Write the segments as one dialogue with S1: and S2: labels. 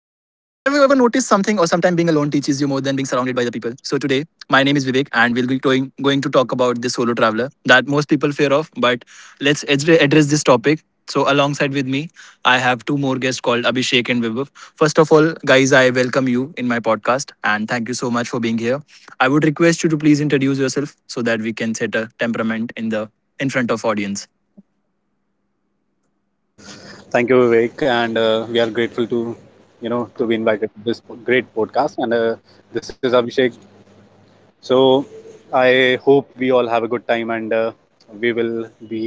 S1: sometime being alone teaches you more than being surrounded by the people? So, today, my name is Vivek, and we'll be going to talk about the solo traveler that most people fear of. But let's address this topic. So, alongside with me, I have two more guests called Abhishek and Vibhav. First of all, guys, I welcome you in my podcast and thank you so much for being here. I would request you to please introduce yourself so that we can set a temperament in the in front of audience.
S2: Thank you, Vivek, and we are grateful to you know to be invited to this great podcast. And this is Abhishek. So I hope we all have a good time, and we will be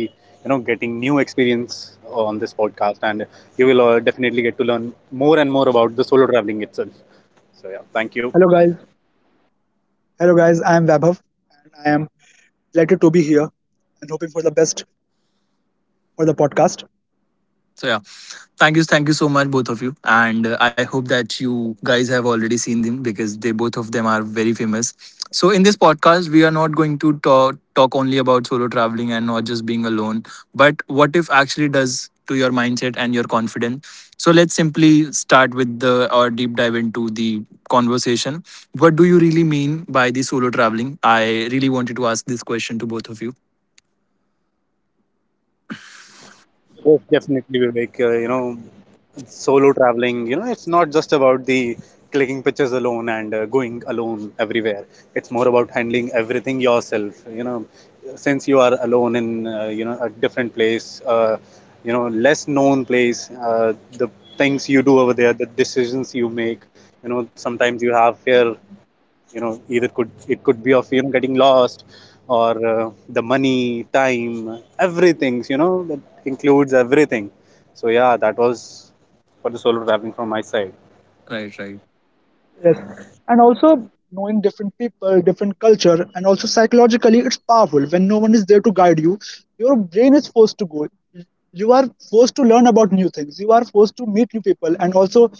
S2: getting new experience on this podcast, and you will definitely get to learn more and more about the solo traveling itself. So yeah, thank you.
S3: Hello guys. Hello guys. I am Vaibhav and I am delighted to be here and hoping for the best for the podcast.
S1: So yeah, thank you so much, both of you, and I hope that you guys have already seen them because they both of them are very famous. So in this podcast, we are not going to talk only about solo traveling and not just being alone, but what if actually does to your mindset and your confidence. So let's simply start with the or deep dive into the conversation. What do you really mean by the solo traveling? I really wanted to ask this question to both of you.
S2: Yes, definitely, Vivek. Solo traveling, it's not just about the clicking pictures alone and going alone everywhere. It's more about handling everything yourself. Since you are alone in, a different place, less known place, the things you do over there, the decisions you make, sometimes you have fear either could it could be of getting lost, or the money, time, everything that includes everything. So yeah, that was for the solo traveling from my side.
S1: Right, right.
S3: Yes. And also knowing different people, different culture, and also psychologically it's powerful. When no one is there to guide you, your brain is forced to go. You are forced to learn about new things. You are forced to meet new people and also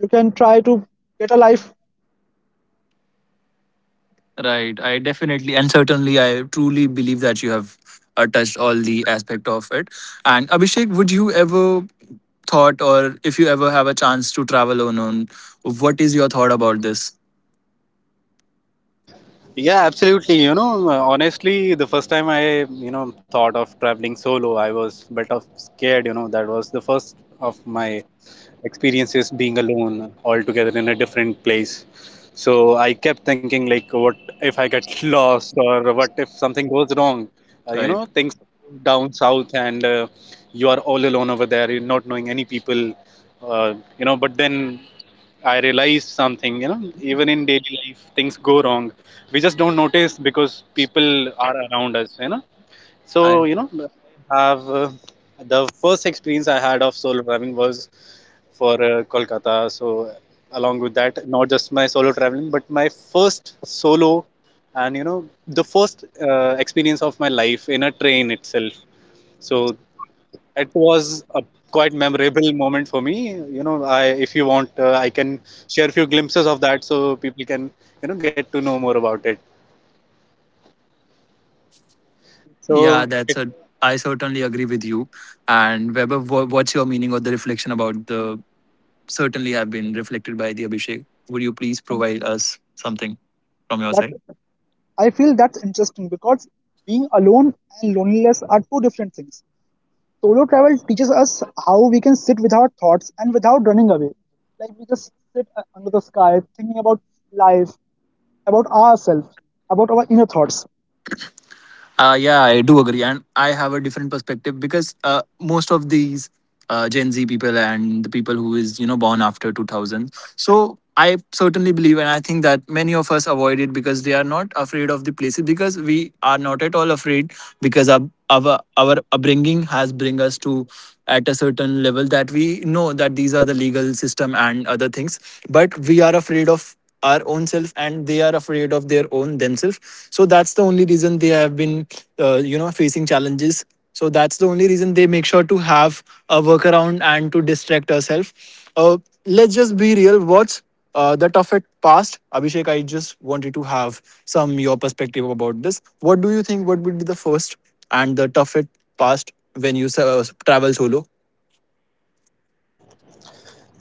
S3: you can try to get a life
S1: Right. I definitely and certainly I truly believe that you have touched all the aspect of it. And Abhishek, would you ever thought or if you ever have a chance to travel alone, what is your thought about this?
S2: Yeah, absolutely. Honestly, the first time I, thought of traveling solo, I was bit of scared. That was the first of my experiences being alone altogether in a different place. So I kept thinking, like, what if I get lost or what if something goes wrong? Uh, you
S1: Right.
S2: know, things down south, and you are all alone over there, you're not knowing any people. But then I realized something, even in daily life, things go wrong. We just don't notice because people are around us.
S1: I
S2: So, you know, have the first experience I had of solo traveling was for Kolkata. So, along with that, not just my solo traveling, but my first solo and, the first experience of my life in a train itself. So, it was a quite memorable moment for me. You know, I if you want, I can share a few glimpses of that so people can get to know more about it.
S1: yeah,
S2: So
S1: that's
S2: it
S1: a I certainly agree with you. And Weber, what's your meaning or the reflection about the certainly have been reflected by the Abhishek? Would you please
S3: from
S1: provide us something from your
S3: that.
S1: side?
S3: I feel that's interesting because being alone and loneliness are two different things. Solo travel teaches us how we can sit with our thoughts and without running away. Like we just sit under the sky thinking about life, about ourselves, about our inner thoughts.
S1: Yeah, I do agree, and I have a different perspective because most of these Gen Z people and the people who is born after 2000. So I certainly believe, and I think that many of us avoid it because they are not afraid of the places because we are not at all afraid because our upbringing has bring us to at a certain level that we know that these are the legal system and other things but we are afraid of our own self and they are afraid of their own themselves, so that's the only reason they have been facing challenges. So that's the only reason they make sure to have a workaround and to distract ourselves. uh, let's just be real, what's the toughest past, Abhishek. I just wanted to have some your perspective about this. What do you think? What would be the first and the toughest past when you travel solo?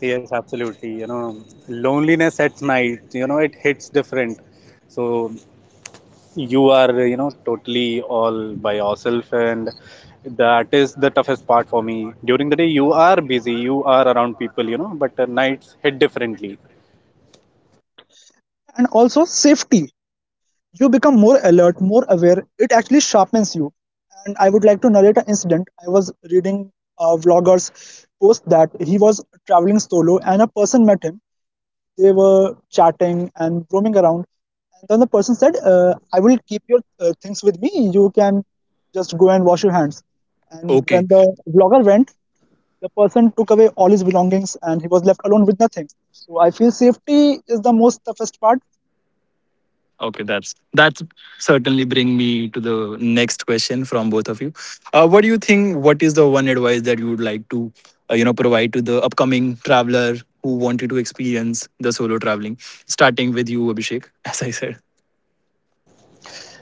S2: yes, absolutely. Loneliness at night. It hits different. So you are totally all by yourself, and that is the toughest part for me. During the day, you are busy, you are around people, but nights hit differently.
S3: And also safety. You become more alert, more aware. It actually sharpens you. And I would like to narrate an incident. I was reading a vlogger's post that he was traveling solo and a person met him. They were chatting and roaming around. And then the person said, I will keep your things with me. You can just go and wash your hands. And when
S1: Okay.
S3: the vlogger went, the person took away all his belongings and he was left alone with nothing. So I feel safety is the most toughest part.
S1: Okay, that's certainly bring me to the next question from both of you. What do you think? What is the one advice that you would like to, provide to the upcoming traveler who wanted to experience the solo traveling? Starting with you, Abhishek, as I said.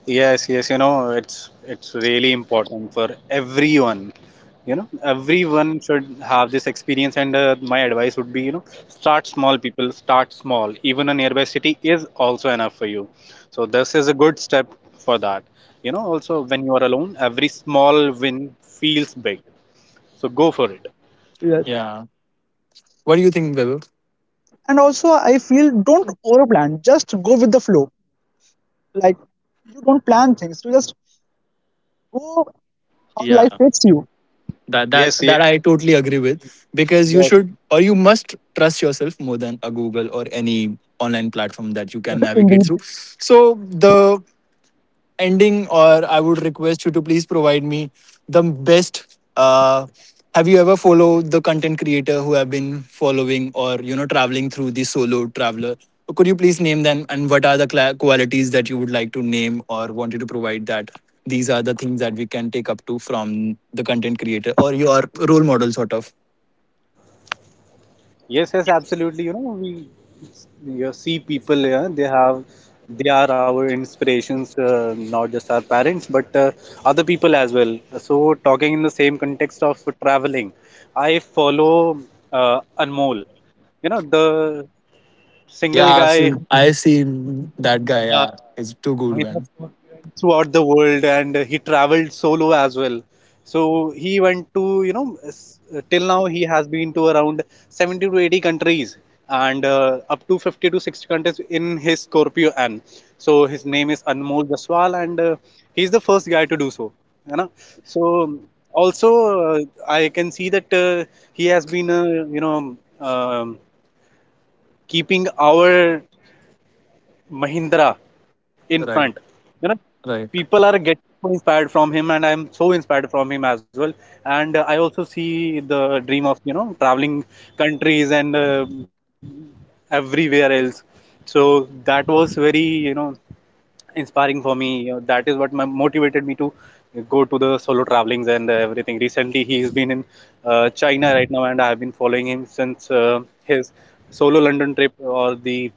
S2: Yes, yes, it's really important for everyone. Everyone should have this experience. And my advice would be, start small, people. Start small. Even a nearby city is also enough for you. So this is a good step for that. Also, when you are alone, every small win feels big. So go for it.
S3: Yes.
S1: Yeah. What do you think, Weber?
S3: And also, I feel don't over plan, just go with the flow. Like, you don't plan things, you just go how life
S1: Yeah.
S3: takes you.
S1: That that
S2: Yes,
S1: that
S2: yes,
S1: I totally agree with, because you
S2: yes.
S1: should or you must trust yourself more than a Google or any online platform that you can
S3: In
S1: navigate through. So the ending, or I would request you to please provide me the best. Have you ever followed the content creator who have been following or traveling through the solo traveler? Could you please name them and what are the cla qualities that you would like to name or want you to provide that these are the things that we can take up to from the content creator or your role model sort of?
S2: Yes, yes, absolutely. You know, we you see people, yeah, they are our inspirations, not just our parents, but other people as well. So, talking in the same context of traveling, I follow Anmol, the
S1: Yeah,
S2: single
S1: I've
S2: guy
S1: seen, I've
S2: who
S1: seen that guy. Yeah, it's too good,
S2: Mahindra
S1: man.
S2: Singh throughout the world, and he traveled solo as well. So he went to, till now he has been to around 70 to 80 countries, and up to 50 to 60 countries in his Scorpio N. So his name is Anmol Jaswal, and he's the first guy to do so. You know? So also uh, I can see that he has been, you know, um, keeping our Mahindra in front.
S1: Right,
S2: You know,
S1: right.
S2: people are getting so inspired from him, and I'm so inspired from him as well. And I also see the dream of traveling countries and everywhere else. So that was very you know inspiring for me. That is what motivated me to go to the solo travelings and everything. Recently, he's been in China right now, and I have been following him since his solo London trip, or the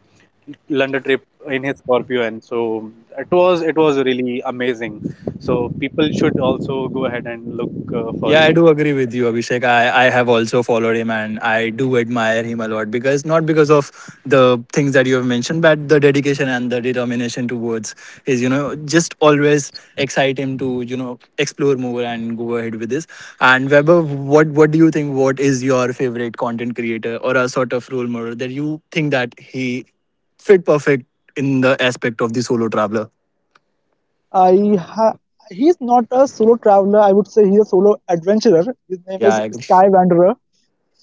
S2: London trip in his Scorpio, and so it was really amazing. So people should also go ahead and look for
S1: Yeah,
S2: his
S1: I do agree with you, Abhishek. I have also followed him and I do admire him a lot because not because of the things that you have mentioned, but the dedication and the determination towards his, you know, just always excite him to, you know, explore more and go ahead with this. And Weber, what do you think? What is your favorite content creator or a sort of role model that you think that he fit perfect in the aspect of the solo traveler?
S3: I ha- he's not a solo traveler. I would say he's a solo adventurer. His name
S1: Yeah, I
S3: is
S1: agree.
S3: Sky Wanderer.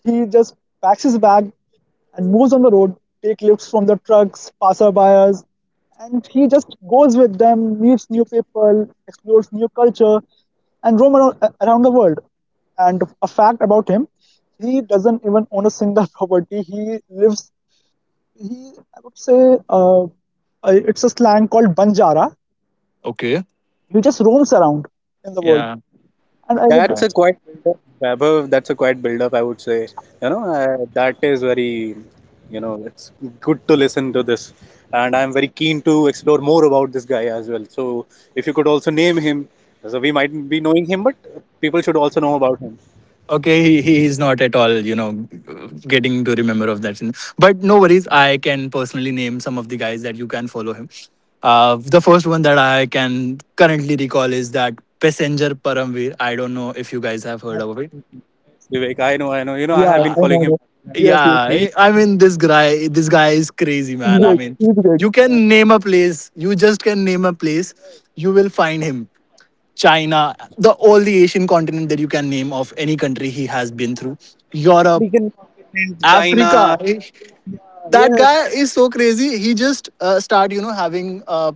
S3: He just packs his bag and moves on the road, take lifts from the trucks, passerbyers, and he just goes with them, meets new people, explores new culture, and roam around, around the world. And a fact about him, he doesn't even own a single property. He lives. He, I would say, it's a slang called banjara.
S1: Okay.
S3: He just roams around in the world.
S1: Yeah.
S3: And I would,
S2: That's a quite build-up, Vaibhav. That's a quite build-up, I would say. That is very, you know, it's good to listen to this, and I'm very keen to explore more about this guy as well. So, if you could also name him, so we might be knowing him, but people should also know about him.
S1: Okay, he is not at all, you know, getting to remember of that. But no worries, I can personally name some of the guys that you can follow him. The first one that I can currently recall is that Passenger Paramveer. I don't know if you guys have heard of it.
S2: Vivek, I know, I know. I
S3: yeah,
S2: have been
S3: I
S2: following
S3: know
S2: him.
S3: that. Yes, yes.
S2: He
S1: Yeah, I mean this guy is crazy,
S3: It's
S1: man. I
S3: great.
S1: mean,
S3: It's great.
S1: you can name a place, you just can name a place, you will find him. China, the all the Asian continent that you can name of any country he has been through. Europe,
S2: African continent, China.
S1: Africa. That
S2: Yes.
S1: guy is so crazy. He just start, you know, having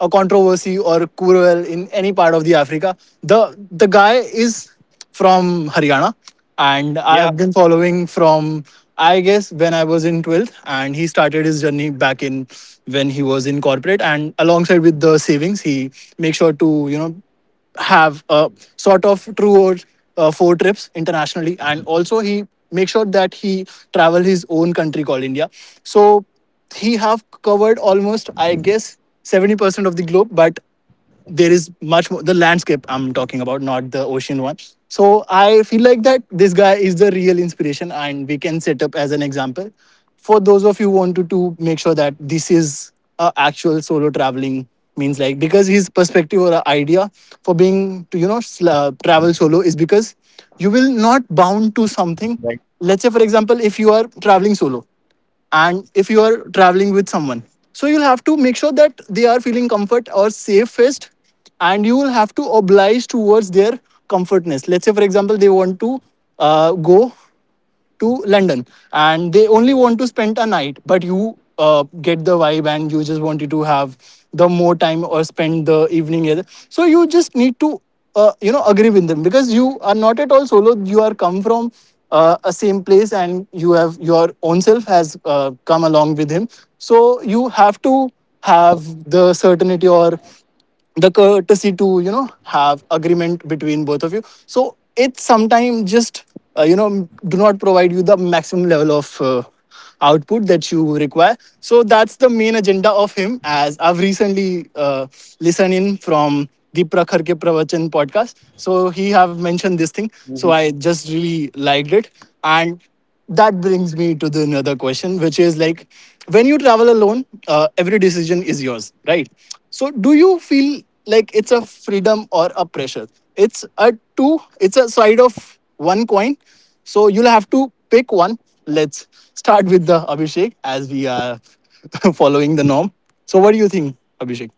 S1: a controversy or Kuruel in any part of the Africa. The guy is from Haryana, and I
S2: Yeah.
S1: have been following from I guess when I was in twelfth, and he started his journey back in when he was in corporate, and alongside with the savings, he makes sure to you know have a sort of two or four trips internationally. And also he makes sure that he travel his own country called India. So he have covered almost, I guess, 70% of the globe, but there is much more the landscape I'm talking about, not the ocean one. So I feel like that this guy is the real inspiration and we can set up as an example for those of you who wanted to make sure that this is a actual solo traveling, means like, because his perspective or idea for being to you know travel solo is because you will not
S2: Right.
S1: bound to something. Let's say for example, if you are traveling solo and if you are traveling with someone, so you'll have to make sure that they are feeling comfort or safest, and you will have to oblige towards their comfortness. Let's say for example, they want to go to London and they only want to spend a night, but you get the vibe and you just wanted to have the more time or spend the evening. So you just need to you know agree with them, because you are not at all solo. You are come from a same place and you have your own self has come along with him. So you have to have the certainty or the courtesy to you know have agreement between both of you, so it sometimes just you know do not provide you the maximum level of output that you require. So that's the main agenda of him, as I've recently listened in from the Prakhar Ke Pravachan podcast. So he have
S2: Mhm.
S1: mentioned this thing, so I just really liked it. And that brings me to the another question, which is like, when you travel alone, every decision is yours, right? So do you feel like it's a freedom or a pressure? It's a two, it's a side of one coin, so you'll have to pick one. Let's start with the Abhishek, as we are following the norm. So what do you think, Abhishek,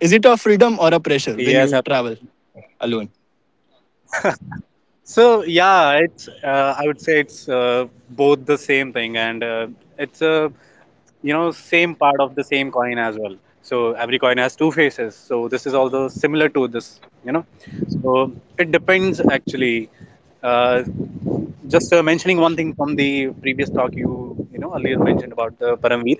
S1: is it a
S2: Yes.
S1: freedom or a pressure when you travel alone?
S2: So yeah, it's I would say it's both the same thing, and it's a same part of the same coin as well. So every coin has two faces. So this is also similar to this. So it depends actually. Uh, just mentioning one thing from the previous talk you you know earlier mentioned about the Paramveer.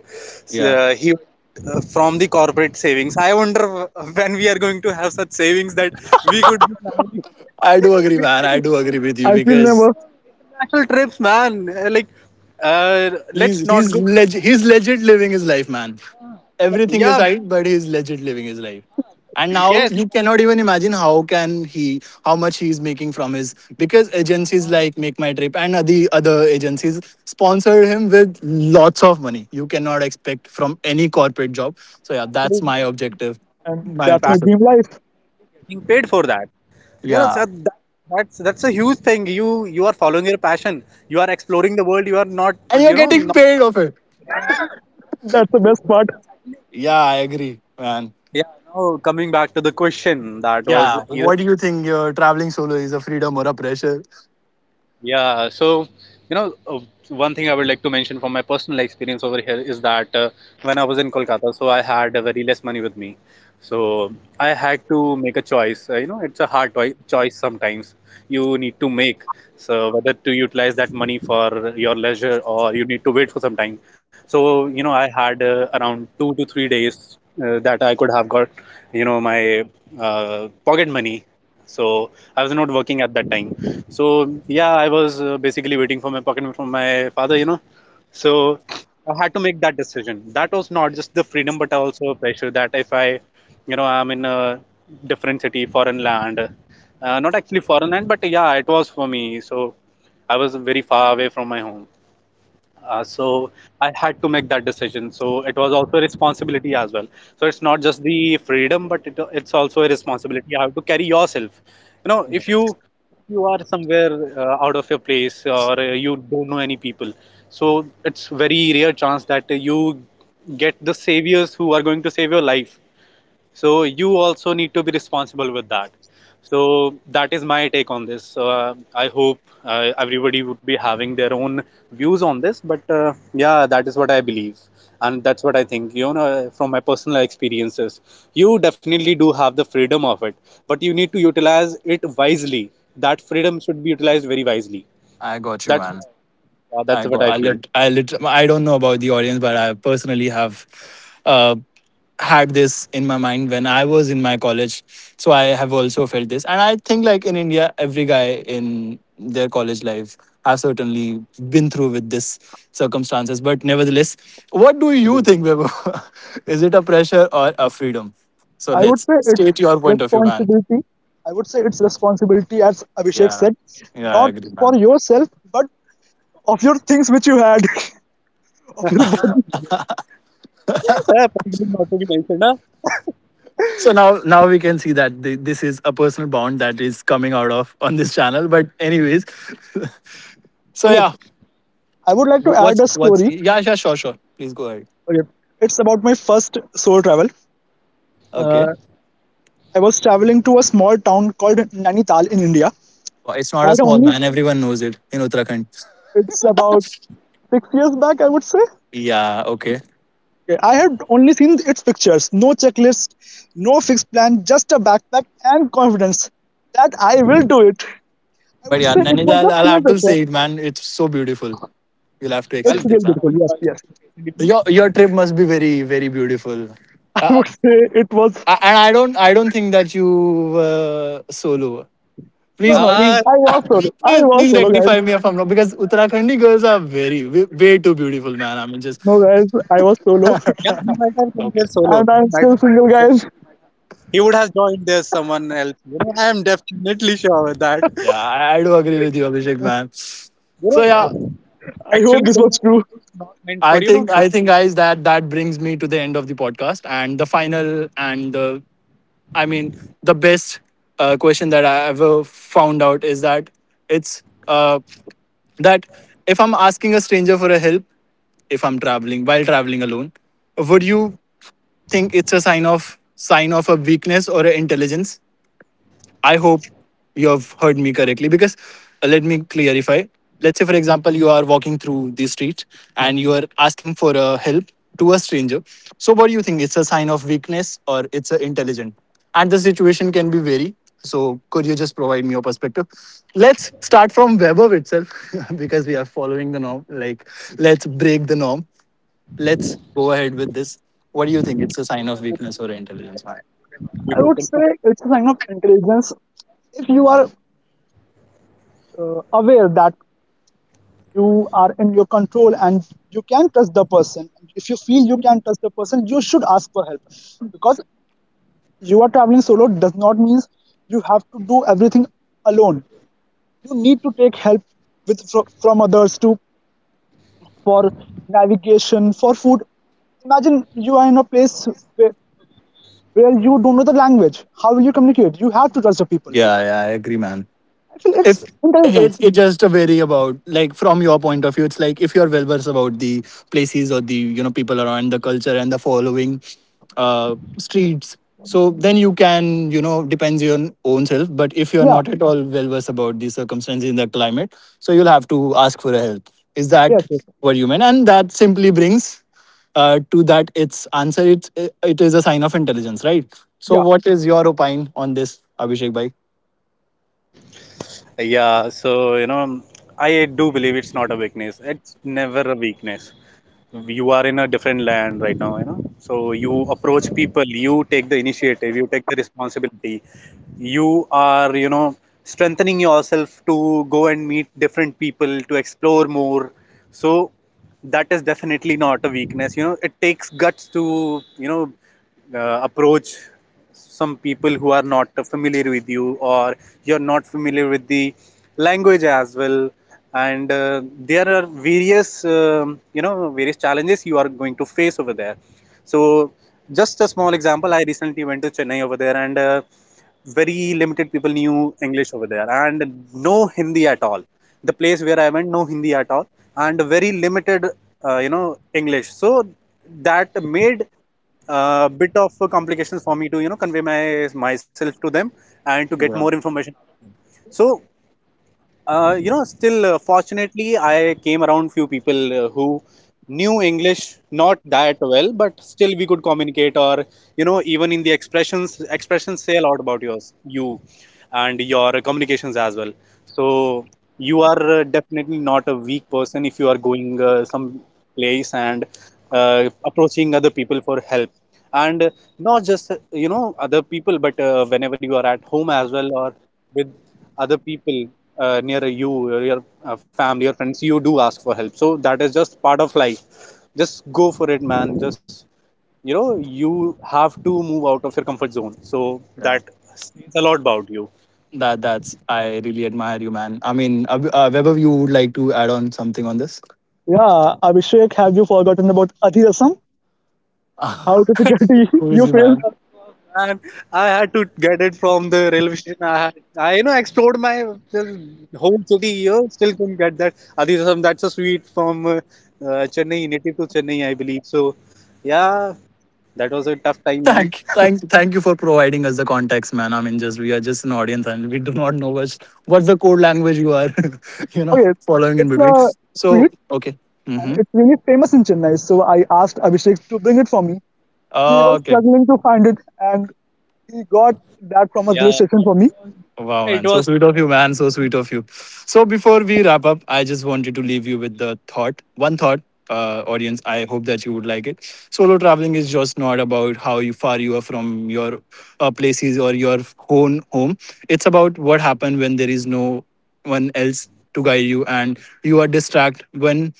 S2: S-
S1: Yeah,
S2: Uh, he uh, from the corporate savings. I wonder when we are going to have such savings that we could be traveling
S1: I do agree,
S2: with
S1: man, I do agree with you
S3: I feel
S1: because
S3: nervous,
S2: international trips, man. Like, uh, let's
S1: He's
S2: not
S1: he's
S2: go.
S1: leg he's legit living his life, man. Everything
S2: Yeah,
S1: aside, but he's legit living his life. And now
S2: yes,
S1: you cannot even imagine how can he how much he's making from his, because agencies like Make My Trip and the other agencies sponsor him with lots of money. You cannot expect from any corporate job. So yeah, that's
S2: absolutely.
S1: my objective.
S3: and
S2: It's
S1: My
S3: that's my
S2: passion
S1: perspective.
S3: dream
S2: and
S3: life.
S2: getting paid for that. You know,
S1: Yeah.
S2: so that's a huge thing. You are following your passion. You are exploring the world. You are not
S1: And you're
S2: you know
S1: getting
S2: not
S1: paid of it.
S3: That's the best part.
S1: Yeah, I agree, man.
S2: Yeah, no, coming back to the question that was
S1: Yeah.
S2: either
S1: What do you think your traveling solo is a freedom or a pressure?
S2: Yeah, so you know, uh, one thing I would like to mention from my personal experience over here is that when I was in Kolkata, so I had a very less money with me. So I had to make a choice. It's a hard choice sometimes you need to make. So whether to utilize that money for your leisure or you need to wait for some time. So I had around 2 to 3 days that I could have got, my pocket money. So I was not working at that time, so yeah, I was basically waiting for my pocket from my father. So I had to make that decision. That was not just the freedom, but also a pressure that if I, you know, I'm in a different city, foreign land, not actually foreign land, but yeah, it was for me. So I was very far away from my home. So I had to make that decision. So it was also a responsibility as well. So it's not just the freedom, but it's also a responsibility. You have to carry yourself. If you are somewhere out of your place or you don't know any people, so it's very rare chance that you get the saviors who are going to save your life, so you also need to be responsible with that. So that is my take on this. So, I hope everybody would be having their own views on this, but yeah, that is what I believe, and that's what I think from my personal experiences. You definitely do have the freedom of it, but you need to utilize it wisely. That freedom should be utilized very wisely.
S1: I got you,
S2: that's
S1: man.
S2: uh, that's
S1: I
S2: what
S1: got.
S2: I
S1: I
S2: feel.
S1: lit. I lit. I don't know about the audience, but I personally have uh, had this in my mind when I was in my college. So I have also felt this, and I think like in India, every guy in their college life has certainly been through with this circumstances. But nevertheless, what do you think, Bebo? Is it a pressure or a freedom? So
S3: I would
S1: let's
S3: say it's
S1: state your point of view, man.
S3: responsibility. I would say it's responsibility, as Abhishek
S1: Yeah.
S3: said,
S1: Yeah, I
S3: not
S1: agree,
S3: for
S1: man.
S3: yourself, but of your things which you had, of your body.
S2: yeah, particularly not to be mentioned, huh?
S1: So now, now we can see that this is a personal bond that is coming out of on this channel. But anyways, so
S3: Okay,
S1: yeah,
S3: I would like to
S1: wh-
S3: add a
S1: what's
S3: story.
S1: yeah, yeah, sure, sure, please go ahead.
S3: Okay, it's about my first solo travel.
S1: Okay.
S3: Uh, I was traveling to a small town called Nainital in India.
S1: Well, it's
S3: i
S1: not a small,
S3: only,
S1: man. Everyone knows it in Uttarakhand.
S3: it's about 6 years back, I would say.
S1: Yeah, okay,
S3: Yeah, I had only seen its pictures, no checklist, no fixed plan, just a backpack and confidence that I will do it. I
S1: but
S3: would
S1: yeah,
S3: say it was
S1: Nainital,
S3: a
S1: I'll
S3: peer
S1: have to
S3: pressure.
S1: say it, man, it's so beautiful. You'll have to
S2: Well,
S3: It's
S1: accept
S3: real
S1: this,
S2: that's a
S1: huh?
S3: beautiful.
S2: wise
S3: Yes,
S2: choice of
S3: yes.
S2: location.
S1: Your trip must be very very beautiful.
S3: I
S1: Uh,
S3: would say it was.
S1: and I don't think that you were solo.
S3: No,
S1: Please,
S3: no.
S2: Ah,
S1: please,
S3: I was solo. I
S1: please,
S3: was
S1: please
S3: solo,
S1: rectify
S3: guys.
S1: me if I'm wrong, because Uttarakhandi girls are very, way, way too beautiful, man. I mean, just
S3: No, guys. I was solo,
S2: yeah, he might have come
S1: okay.
S2: there solo.
S3: and
S2: He
S3: I'm
S2: might
S3: still
S2: have come
S3: single,
S2: there solo.
S3: guys.
S2: He would have joined there someone else. I am definitely sure of that.
S1: Yeah, I do agree with you, Abhishek, man.
S2: You
S1: So
S2: know,
S1: yeah,
S2: uh,
S3: I hope
S2: actually,
S3: this
S2: those
S3: was
S2: are
S3: true.
S2: mountains not meant for so
S1: guys, that brings me to the end of the podcast and the final and I mean, the best question that I ever found out is that it's that if I'm asking a stranger for a help, if I'm traveling while traveling alone, would you think it's a sign of a weakness or an intelligence. I hope you have heard me correctly because let me clarify. Let's say, for example, you are walking through the street and you are asking for a help to a stranger. So, what do you think? It's a sign of weakness or it's a intelligent? And the situation can be very. So, could you just provide me your perspective? Let's start from Webber itself because we are following the norm. Like, let's break the norm, let's go ahead with this. What do you think? It's a sign of weakness or intelligence? Yeah,
S2: be
S3: I would
S2: broken.
S3: say it's a sign of intelligence if you are aware that you are in your control and you can trust the person. If you feel you can trust the person you should ask for help, because you are traveling solo does not mean you have to do everything alone. You need to take help with from others too, for navigation, for food. Imagine you are in a place where, where you don't know the language. How will you communicate? You have to trust the people.
S1: yeah, I agree, man.
S3: I feel it's
S1: If
S3: intelligence.
S1: it's just a very about, like, from your point of view, it's like, if you're well versed about the places or the, you know, people around the culture and the following streets, so then you can, you know, depends on your own self. But if you're
S3: Yeah.
S1: not at all well versed about the circumstances in the climate, so you'll have to ask for help. Is
S3: Yes,
S1: that
S3: yes.
S1: what you meant? And that simply brings to that its answer. It is a sign of intelligence, right? So
S3: Yeah.
S1: what is your opine on this, Abhishek bhai?
S2: Yeah, so I do believe it's not a weakness. It's never a weakness. You are in a different land right now. So you approach people, you take the initiative, you take the responsibility. You are strengthening yourself to go and meet different people to explore more. So that is definitely not a weakness. It takes guts to approach some people who are not familiar with you, or you're not familiar with the language as well. And there are various challenges you are going to face over there. So just a small example, I recently went to Chennai over there, and very limited people knew English over there, and no Hindi at all. The place where I went, no Hindi at all and very limited, English. So that made a bit of complications for me to, convey my myself to them and to get more
S1: Yeah.
S2: information. So still fortunately, I came around few people who knew English not that well, but still we could communicate. Or even in the expressions say a lot about yours, you, and your communications as well. So you are definitely not a weak person if you are going some place and approaching other people for help, and not just other people, but whenever you are at home as well, or with other people near you, or your family or friends, you do ask for help. So that is just part of life, just go for it, man. Just you have to move out of your comfort zone, so that says a lot about you.
S1: That's I really admire you, man. I mean, Webber, you would like to add on something on this?
S3: Yeah, Abhishek, have you forgotten about adhirasam? How difficulty you
S1: Crazy,
S3: face?
S1: man.
S2: And I had to get it from the railway station. I explored my whole city here. Still couldn't get that adhirasam. That's a sweet from Chennai, native to Chennai, I believe. So, yeah, that was a tough time, man.
S1: Thank you for providing us the context, man. I mean, just we are just an audience, and we do not know what's the code language you are, you know,
S3: Okay,
S1: following in
S3: it's
S1: between.
S3: a
S1: So
S3: street
S1: okay,
S3: and
S1: mm-hmm.
S3: it's really famous in Chennai. So I asked Abhishek to bring it for me. He was
S1: Okay.
S3: struggling to find it and he got that from a railway
S2: Yeah,
S3: station for me.
S1: Wow,
S2: it
S1: man. So
S2: was.
S1: sweet of you, man. So sweet of you. So before we wrap up, I just wanted to leave you with the thought, one thought, audience. I hope that you would like it. Solo traveling is just not about how you far you are from your places or your own home. It's about what happened when there is no one else to guide you and you are distracted when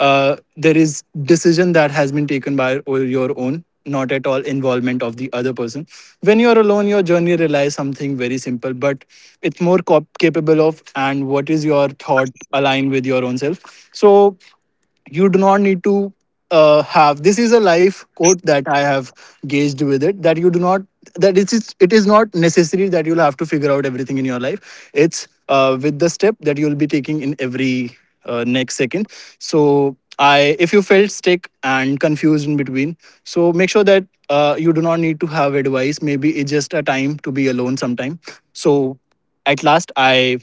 S1: there is decision that has been taken by your own, not at all involvement of the other person. When you are alone, your journey relies something very simple, but it's more capable of, and what is your thought aligned with your own self. So you do not need to have this is a life quote that I have gauged with it, that you do not, that it is not necessary that you'll have to figure out everything in your life. It's with the step that you'll be taking in every next second. So I if you felt stuck and confused in between, so make sure that you do not need to have advice. Maybe it's just a time to be alone sometime. So at last, I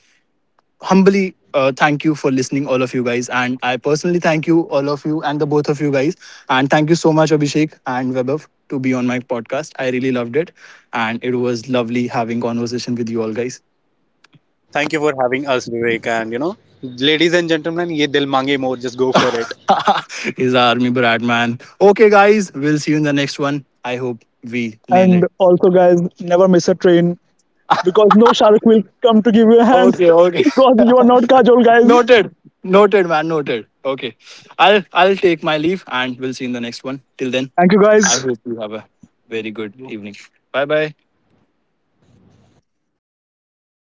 S1: humbly thank you for listening, all of you guys. And I personally thank you, all of you, and the both of you guys. And thank you so much, Abhishek and Webov, to be on my podcast. I really loved it. And it was lovely having conversation with you all guys.
S2: Thank you for having us, Vivek. And ladies and gentlemen, ye dil mange more. Just go for it.
S1: He's our army brat, man. Okay, guys, we'll see you in the next one. I hope we nail
S3: And
S1: it.
S3: also, guys, never miss a train because no shark will come to give you a hand
S1: Okay, okay.
S3: because you are not Kajol, guys.
S1: Noted, noted, man, noted. Okay. I'll take my leave and we'll see you in the next one. Till then,
S3: Thank you,
S1: I
S3: guys.
S1: hope you have a very good evening. Bye bye.